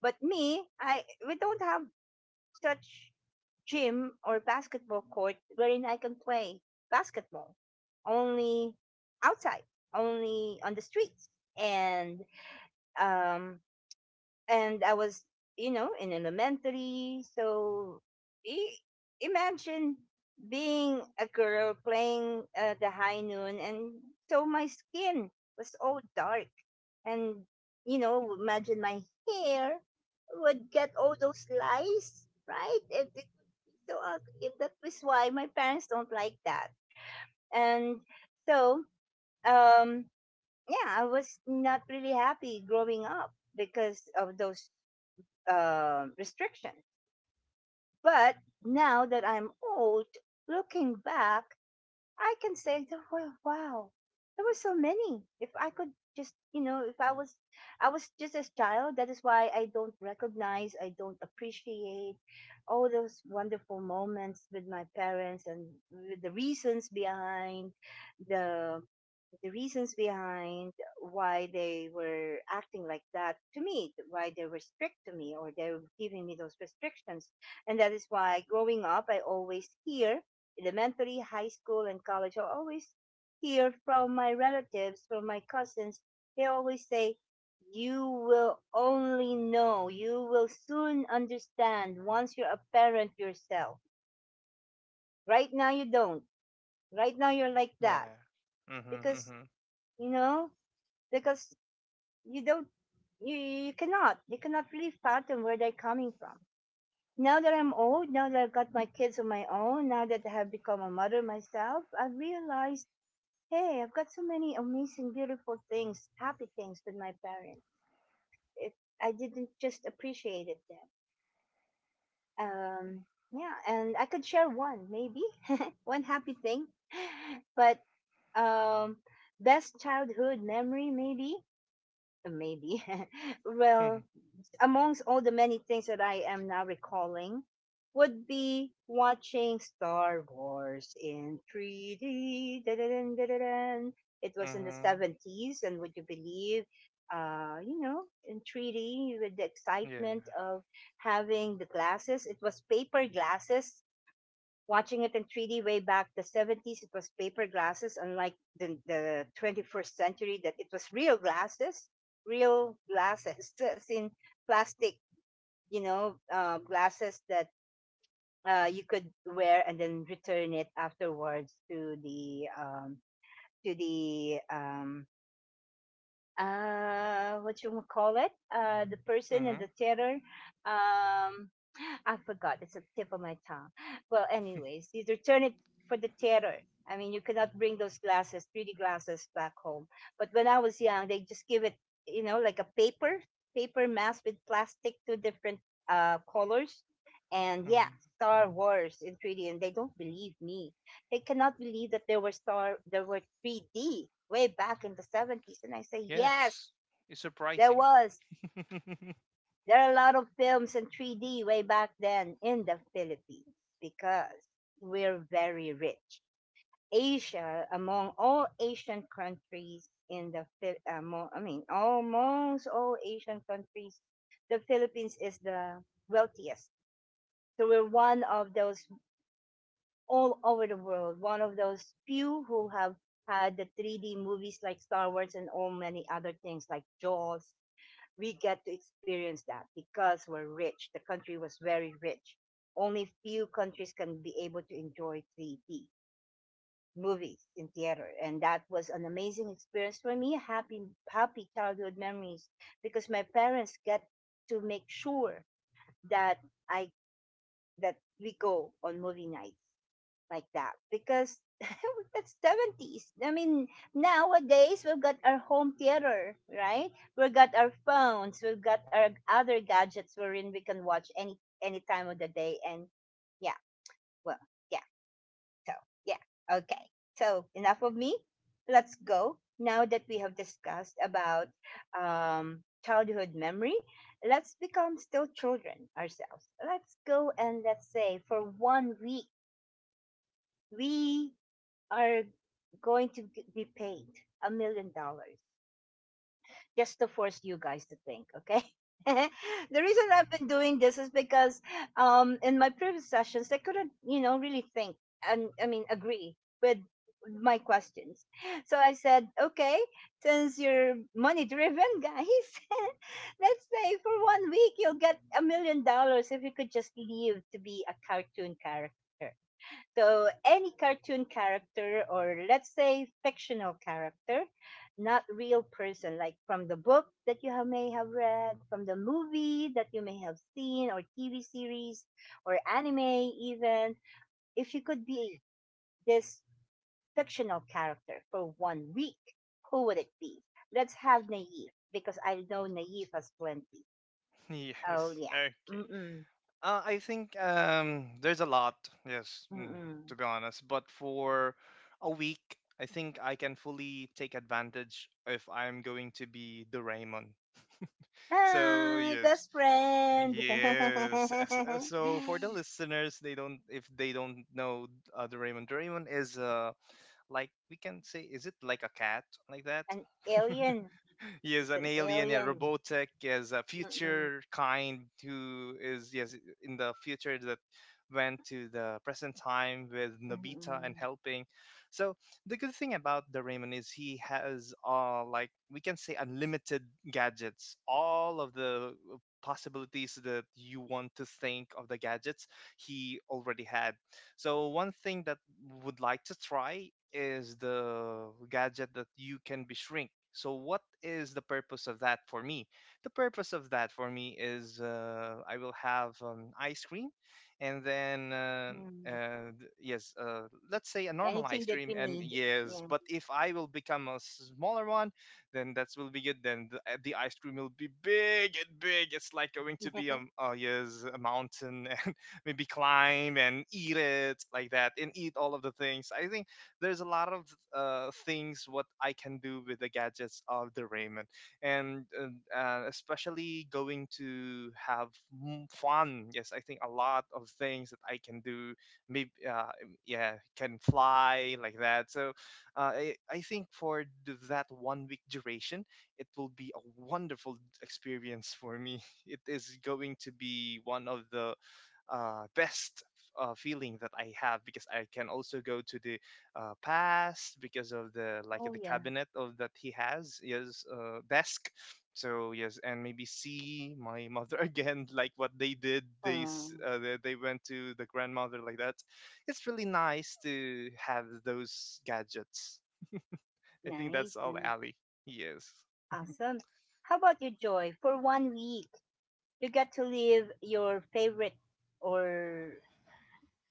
A: But me I we don't have such gym or basketball court wherein I can play basketball, only outside, only on the streets. And um and I was, in elementary. So i- imagine being a girl playing, the high noon, and so my skin was all dark, and, imagine my hair would get all those lice, right? It would be so ugly. That was why my parents don't like that, and so, um, yeah, I was not really happy growing up because of those, restrictions. But now that I'm old, looking back, I can say that wow, wow, there were so many. If I could just, if I was just a child. That is why I don't recognize, I don't appreciate all those wonderful moments with my parents and with the the reasons behind why they were acting like that to me, why they were strict to me, or they were giving me those restrictions. And that is why growing up, I always hear, elementary, high school, and college, I always hear from my relatives, from my cousins, they always say, You will only know, you will soon understand once you're a parent yourself. Right now, you don't. Right now, you're like that.
C: Yeah.
A: Because,
C: Mhm.
A: you know, because you don't, you, you cannot really fathom where they're coming from. Now that I'm old, now that I've got my kids on my own, now that I have become a mother myself, I've realized, Hey, I've got so many amazing, beautiful things, happy things with my parents. It, I didn't just appreciate it then. Um, yeah, and I could share one, maybe, one happy thing, but, um, best childhood memory, maybe, maybe. Well,
C: Mhm.
A: amongst all the many things that I am now recalling would be watching Star Wars in 3D. Da-da-dun, da-da-dun. It was in the
C: Mhm.
A: 70s, and would you believe, in 3D with the
C: Yeah.
A: excitement of having the glasses? It was paper glasses. Watching it in 3D way back the 70s, it was paper glasses, unlike the 21st century that it was real glasses, as in plastic, glasses that, you could wear and then return it afterwards to the, to the um, what you would call it, the person in
C: Mhm.
A: the theater. Um, I forgot. It's a tip of my tongue. Well, anyways, you return it for the theater. I mean, you cannot bring those glasses, 3D glasses, back home. But when I was young, they just give it, like a paper mask with plastic, two different, colors. And yeah,
C: Mhm.
A: Star Wars in 3D. And they don't believe me, they cannot believe that there were 3D way back in the 70s, and I say yes,
C: Yes. It's
A: there
C: surprising.
A: was, there are a lot of films in 3D way back then in the Philippines because we're very rich. Asia, among all Asian countries, in, I mean almost all Asian countries, the Philippines is the wealthiest, so we're one of those, all over the world. One of those few who have had the 3D movies like Star Wars and all many other things like Jaws. We get to experience that because we're rich. The country was very rich. Only few countries can be able to enjoy 3D movies in theater, and that was an amazing experience for me, happy, happy childhood memories, because my parents get to make sure that, I that we go on movie night like that, because that's 70s. I mean, nowadays we've got our home theater, right? We've got our phones, we've got our other gadgets wherein we can watch any time of the day, and yeah, well, yeah. So, yeah. Okay. So, enough of me. Let's go. Now that we have discussed about um childhood memory, let's become still children ourselves. Let's go and let's say for one week we are going to g- be paid $1 million just to force you guys to think, okay? The reason I've been doing this is because in my previous sessions, I couldn't, you know, really think and, I mean, agree with my questions. So I said, okay, since you're money driven, guys, let's say for one week you'll get $1 million if you could just leave to be a cartoon character. So any cartoon character, or let's say fictional character, not real person, like from the book that you have, may have read, from the movie that you may have seen, or TV series, or anime even. If you could be this fictional character for one week, who would it be? Let's have Naif because I know Naif has plenty. Oh
C: Yes.
A: yeah.
C: Okay.
A: Mm-mm.
C: I think there's a lot, yes, mm,
A: Mm-mm.
C: to be honest. But for a week, I think I can fully take advantage if I'm going to be the Doraemon. So
A: Hi,
C: yes,
A: best friend.
C: yes. So for the listeners, they don't if they don't know Doraemon. Doraemon is like we can say, is it like a cat like that?
A: An alien.
C: Yes,
A: It's
C: an
A: an
C: alien, yeah,
A: alien.
C: robotic, as a
A: Mm-mm.
C: future kind who is yes in the future that went to the present time with Nobita and
A: Mm-mm.
C: helping. So the good thing about the Raymond is he has like we can say unlimited gadgets, all of the possibilities that you want to think of the gadgets he already had, so one thing that would like to try is the gadget that you can be shrink. So what is the purpose of that for me? The purpose of that for me is I will have an ice cream, and then
A: Mm.
C: yes, let's say a normal
A: Anything
C: ice
A: that
C: cream,
A: you
C: and
A: need.
C: yes,
A: Yeah.
C: but if I will become a smaller one, then that will be good. Then the ice cream will be big and big. It's like going to be yes, a mountain maybe climb and eat it like that, and eat all of the things. I think there's a lot of things what I can do with the gadgets of the Raymond, and especially going to have fun. Yes, I think a lot of things that I can do. Maybe yeah, can fly like that. So I think for that 1 week duration, it will be a wonderful experience for me. It is going to be one of the best feeling that I have, because I can also go to the past because of the like
A: oh,
C: the
A: yeah.
C: cabinet of that he has, yes, desk. So yes, and maybe see my mother again, like what they did. They
A: Oh,
C: s- uh, they they went to the grandmother like that. It's really nice to have those gadgets. I think that's
A: nice,
C: all,
A: nice.
C: Ali. Yes.
A: Awesome. How about you, Joy? For one week, you get to live your favorite, or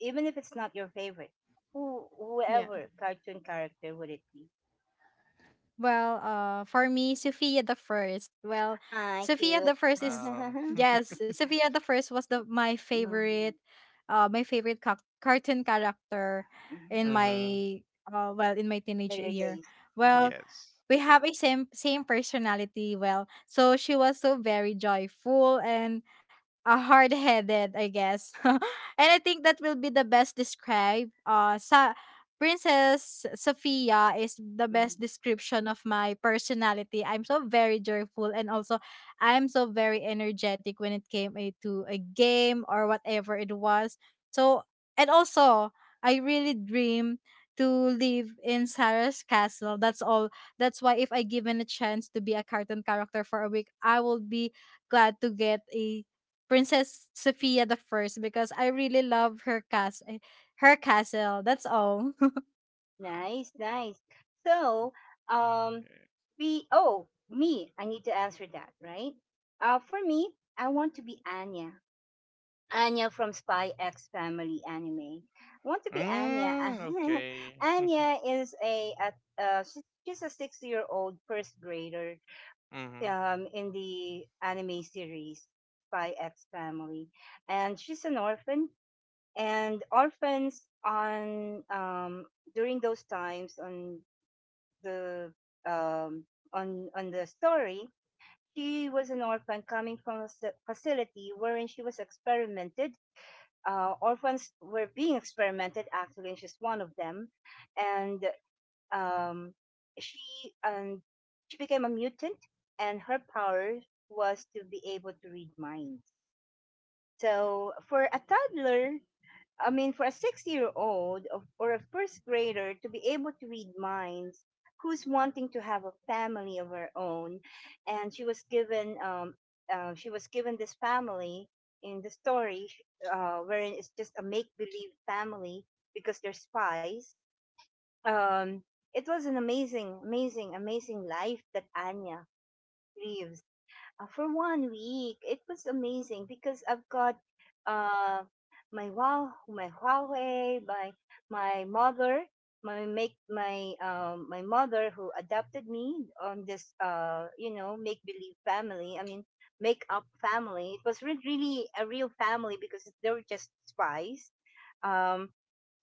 A: even if it's not your favorite,
B: Yeah.
A: whoever cartoon character would it be?
B: Well, for me, Sophia the First. Well,
A: Ah,
B: Sophia
A: cute.
B: the First is
C: Wow.
B: yes, Sophia the First was the my
A: mm-hmm.
B: favorite, my favorite cartoon character in
C: Mm-hmm.
B: my, well, in my teenage
A: Later
B: year.
A: days. Yeah.
B: Well,
C: Yes.
B: we have a same personality. Well, so she was so very joyful and hard-headed, I guess. And I think that will be the best describe. Sa Princess Sophia is the
A: Hmm.
B: best description of my personality. I'm so very joyful, and also I'm so very energetic when it came to a game or whatever it was. So and also I really dream to live in Sarah's castle. That's all. That's why if I given a chance to be a cartoon character for a week, I will be glad to get a Princess Sophia the First, because I really love her cast, her castle. That's all.
A: Nice, nice. So, um, oh, me, I need to answer that, right? For me, I want to be Anya. Anya from Spy X Family anime. I want to be Anya.
C: Mm, okay.
A: Anya is, she's a six-year-old first grader
C: Mm-hmm.
A: in the anime series Spy X Family, and she's an orphan. And orphans on during those times the um, on the story, she was an orphan coming from a facility wherein she was experimented. Orphans were being experimented actually, and she's one of them. And um, she and she became a mutant, and her power was to be able to read minds. So for a toddler, I mean, for a 6 year old or a first grader to be able to read minds, who's wanting to have a family of her own, and she was given this family in the story, wherein it's just a make believe family because they're spies. Um, it was an amazing, amazing, amazing life that Anya lives for one week. It was amazing because I've got uh, my Wow, my Huawei, my mother, my make my my mother who adopted me on this you know, make believe family. I mean, make up family. It was really a real family because they were just spies. Um,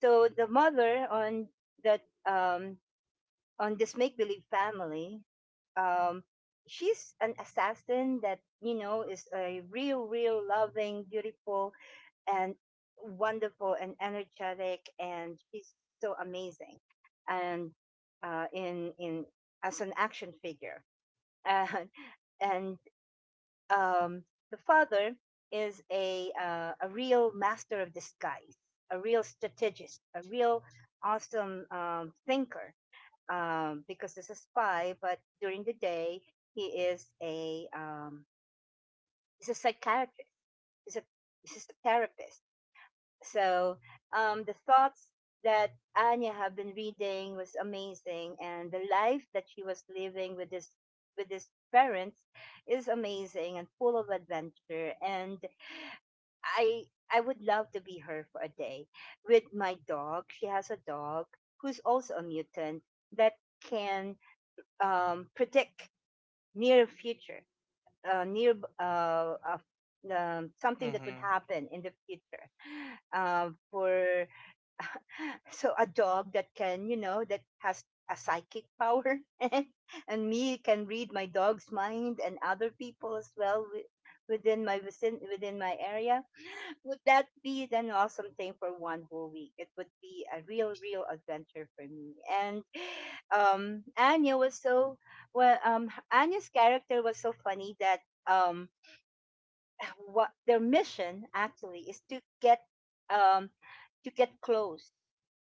A: so the mother on that um, on this make believe family. Um, she's an assassin that, you know, is a real, real loving, beautiful, and wonderful and energetic, and she's so amazing. And in as an action figure, and and um, the father is a real master of disguise, a real strategist, a real awesome thinker because he's a spy. But during the day, he is a he's a psychiatrist. He's a he's a therapist. So the thoughts that Anya had been reading was amazing, and the life that she was living with this with his parents is amazing and full of adventure. And I I would love to be her for a day with my dog. She has a dog who's also a mutant that can predict near future, near something that would
C: Mm-hmm.
A: happen in the future for so, a dog that can, you know, that has a psychic power, and me can read my dog's mind and other people as well within my area. Would that be an awesome thing for one whole week? It would be a real, real adventure for me. And Anya was so, Ania's character was so funny that, um what their mission actually is to get um, close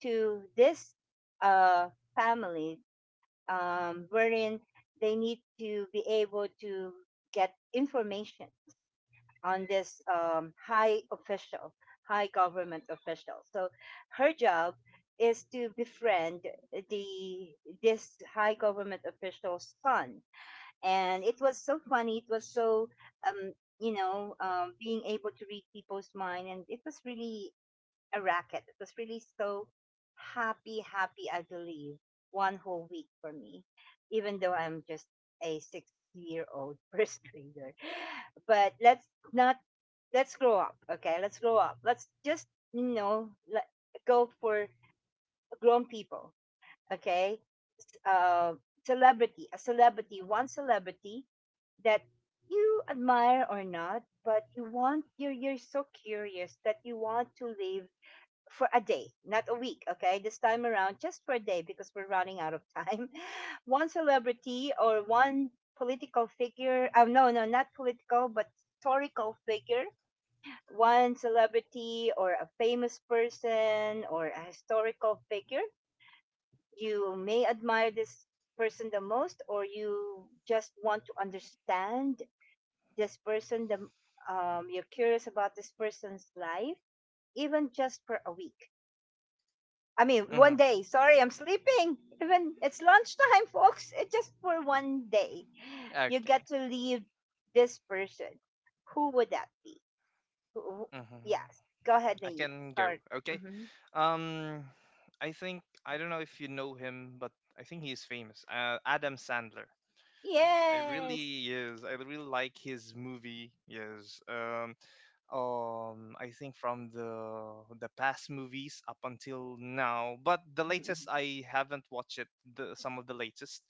A: to this uh, family, wherein they need to be able to get information on this high official, high government official. So her job is to befriend the this high government official's son. And it was so funny, it was so um you know, being able to read people's mind, and it was really a racket. It was really so happy, happy, I believe, one whole week for me, even though I'm just a 6 year old first grader. But let's not, let's grow up, okay? Let's grow up, let's just, you know, go for grown people, okay? s- uh, Celebrity, a celebrity one celebrity that you admire or not, but you want, you're so curious that you want to live for a day, not a week, okay? This time around, just for a day because we're running out of time. One celebrity, or one political figure, no, no, not political, but historical figure. One celebrity or a famous person or a historical figure you may admire, this person the most, or you just want to understand this person, the you're curious about this person's life, even just for a week. I mean,
C: Mm-hmm.
A: one day. Sorry, I'm sleeping even it's lunchtime. Folks, it's just for one day you
C: Okay.
A: get to leave this person. Who would that be? who, who-
C: Mm-hmm.
A: yes, go ahead,
C: I
A: Naive.
C: can go.
A: Start.
C: Okay.
A: Hmm.
C: Um, I think I don't know if you know him, but I think he is famous. Adam Sandler.
A: Yes.
C: Yes, I really like his movie. Yes. I think from the past movies up until now, but the latest
A: Mm-hmm.
C: I haven't watched it, the, some of the latest,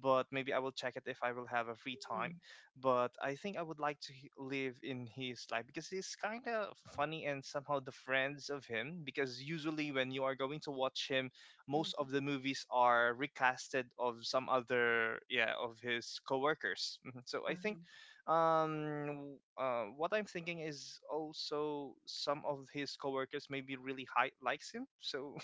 C: but maybe I will check it if I will have a free
A: Mm-hmm.
C: time. But I think I would like to live in his life, because he's kind of funny, and somehow the friends of him, because usually when you are going to watch him, most
A: Mm-hmm.
C: of the movies are recasted of some other, yeah, of his coworkers. Mhm. So I think
A: Mm-hmm.
C: what I'm thinking is also some of his coworkers maybe really high likes him, so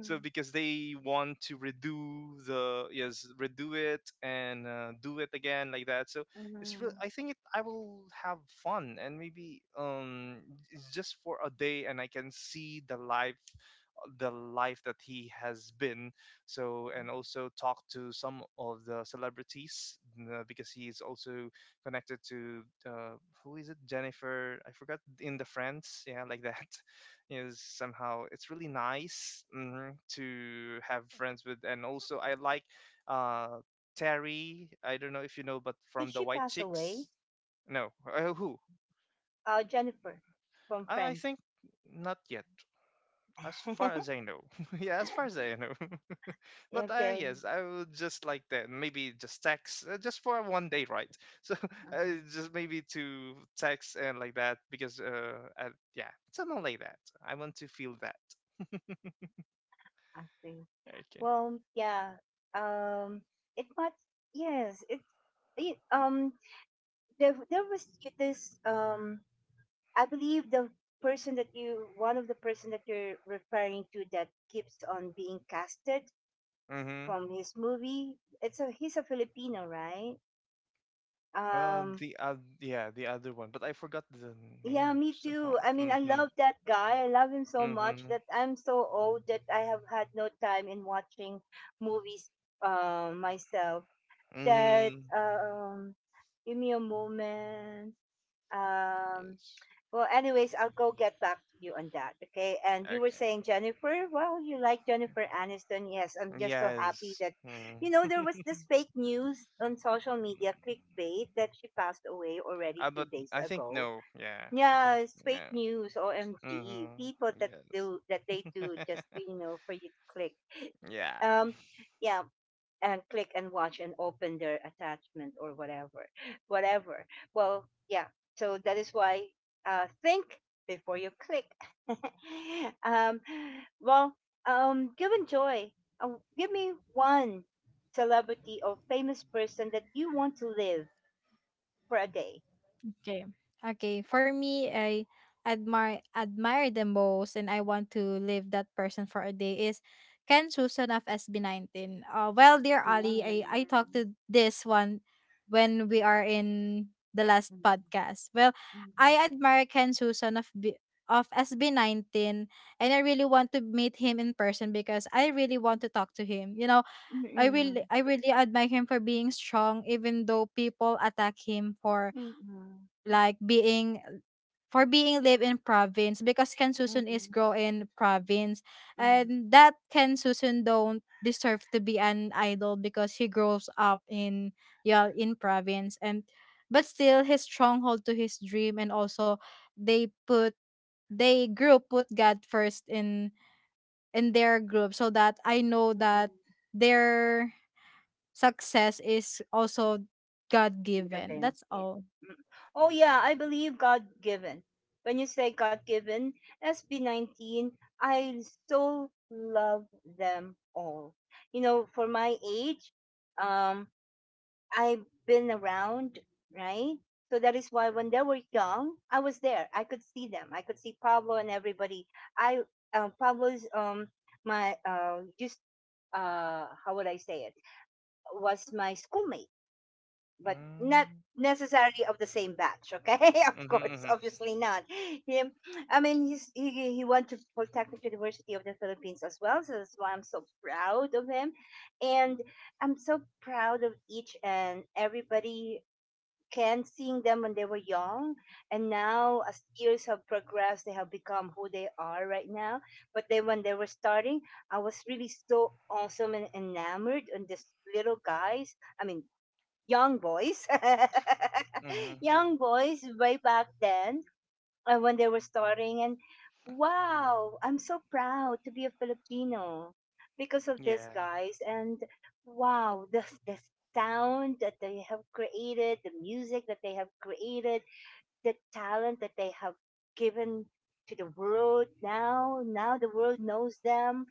C: so because they want to redo the yes redo it and do it again like that. So it's real,
A: Mhm.
C: I think it, I will have fun. And maybe it's just for a day, and I can see the life that he has been. So and also talk to some of the celebrities, because he is also connected to who is it, Jennifer, I forgot, in the Friends, yeah, like that. Is somehow it's really nice, mhm, to have friends with. And also I like uh Terry, I don't know if you know, but from
A: Did
C: the
A: she
C: White
A: pass
C: Chicks.
A: away?
C: No. Who.
A: Jennifer from
C: I
A: Friends.
C: think not yet, as far as I know. Yeah, as far as I know. But
A: okay.
C: yes, I would just like that, maybe just text just for 1 day, right? So
A: Mhm.
C: just maybe to text and like that, because yeah, something like that. I want to feel that.
A: I see.
C: Okay.
A: Well, yeah. Um, it might. Yes, it. it um, there was this. I believe the person that you, one of the person that you're referring to, that keeps on being casted
C: Mm-hmm.
A: from his movie. It's a. He's a Filipino, right? Um,
C: The other, yeah, the other one, but I forgot the
A: yeah,
C: name
A: me too.
C: somehow.
A: I mean, I
C: Mm-hmm.
A: love that guy. I love him so much
C: Mm-hmm.
A: that I'm so old that I have had no time in watching movies myself. That
C: Mm-hmm.
A: give me a moment. Um,
C: Yes.
A: well, anyways, I'll go get back to you on that. Okay. And you were
C: Okay.
A: saying Jennifer. Well, you like Jennifer Aniston. Yes, I'm just so happy
C: Yes.
A: that,
C: Mm.
A: you know, there was this fake news on social media clickbait that she passed away already a few
C: But
A: days
C: I think
A: ago.
C: no. Yeah, I
A: Yeah,
C: think
A: it's fake
C: yeah.
A: news, OMG.
C: Mm-hmm.
A: People that
C: Yes.
A: do that, they do just, you know, for you to click.
C: Yeah.
A: Um yeah, and click and watch and open their attachment or whatever. Whatever. Well, yeah. So that is why think before you click. um well, given Joy, give me one celebrity or famous person that you want to live for a day.
B: Okay. Okay, for me, I admire the most, and I want to live that person for a day is Ken Susan of SB19. Well, dear
A: Yeah.
B: Ali, I talked to this one when we are in the last podcast. Well,
A: Mhm.
B: I admire Ken Susan of SB19, and I really want to meet him in person because I really want to talk to him. You know,
A: Mm, mm,
B: I really admire him for being strong, even though people attack him for,
A: mm, mm,
B: like being for being live in province, because Kansusun is
A: mm.
B: grow in province,
A: Mm.
B: and that Kansusun don't deserve to be an idol because he grows up in, yeah, in province. And but still his stronghold to his dream, and also they put, they group put God first in their group, so that I know that
A: Mm.
B: their success is also God given.
A: Been.
B: That's
A: Yeah.
B: all.
A: Mm. Oh yeah, I believe God given. When you say God given, SB 19, I so love them all. You know, for my age, um, I've been around, right? So that is why when they were young, I was there. I could see them. I could see Pablo and everybody. I Pablo's my just how would I say it, was my schoolmate but not
C: Mm-hmm.
A: necessarily of the same batch, okay? of
C: Mm-hmm.
A: course,
C: Mm-hmm.
A: obviously not him. I mean, he's, he went to Polytechnic University of the Philippines as well, so that's why I'm so proud of him. And I'm so proud of each and everybody. Can Seeing them when they were young, and now as years have progressed, they have become who they are right now. But then when they were starting, I was really so awesome and enamored on these little guys. I mean, young boys,
C: Mm-hmm,
A: young boys way back then, when they were starting. And wow, I'm so proud to be a Filipino because of these
C: yeah.
A: guys. And wow, the sound that they have created, the music that they have created, the talent that they have given to the world now. Now the world knows them.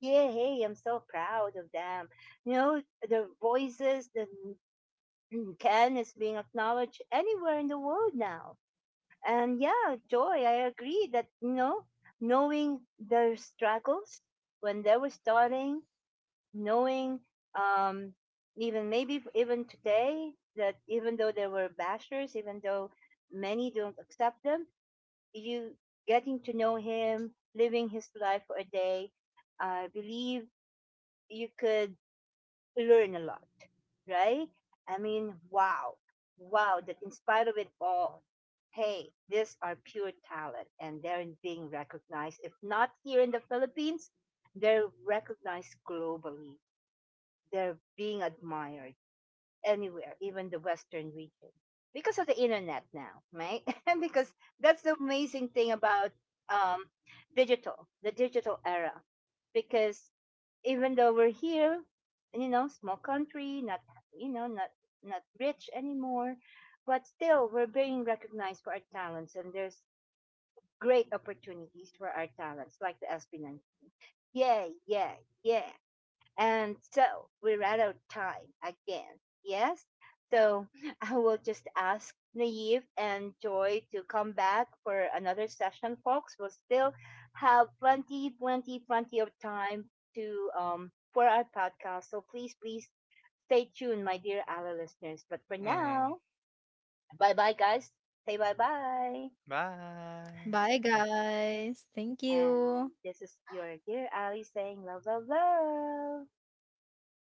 A: Yeah, hey, I'm so proud of them. You know, the voices, the Mm, Ken is being acknowledged anywhere in the world now. And yeah, Joy, I agree that, you know, knowing their struggles when they were starting, knowing um, even maybe even today that, even though they were bashers, even though many don't accept them, you, getting to know him, living his life for a day, I believe you could learn a lot, right? I mean, wow, wow, that in spite of it all, hey, these are pure talent and they're being recognized. If not here in the Philippines, they're recognized globally. They're being admired anywhere, even the Western region, because of the internet now, right? And because that's the amazing thing about um, digital, the digital era, because even though we're here, you know, small country, not, you know, not, not rich anymore, but still we're being recognized for our talents, and there's great opportunities for our talents, like the Espinal. Yeah, yeah, yeah. And so we're out of time again. Yes? So I will just ask Naive and Joy to come back for another session, folks. We'll still have plenty, plenty, plenty of time to for our podcast. So please, please stay tuned, my dear Ally listeners. But for
C: Mm-hmm.
A: now, bye bye guys. Say bye bye.
C: Bye.
B: Bye, guys. Thank
A: And
B: you.
A: this is your dear Ali saying love, love, love.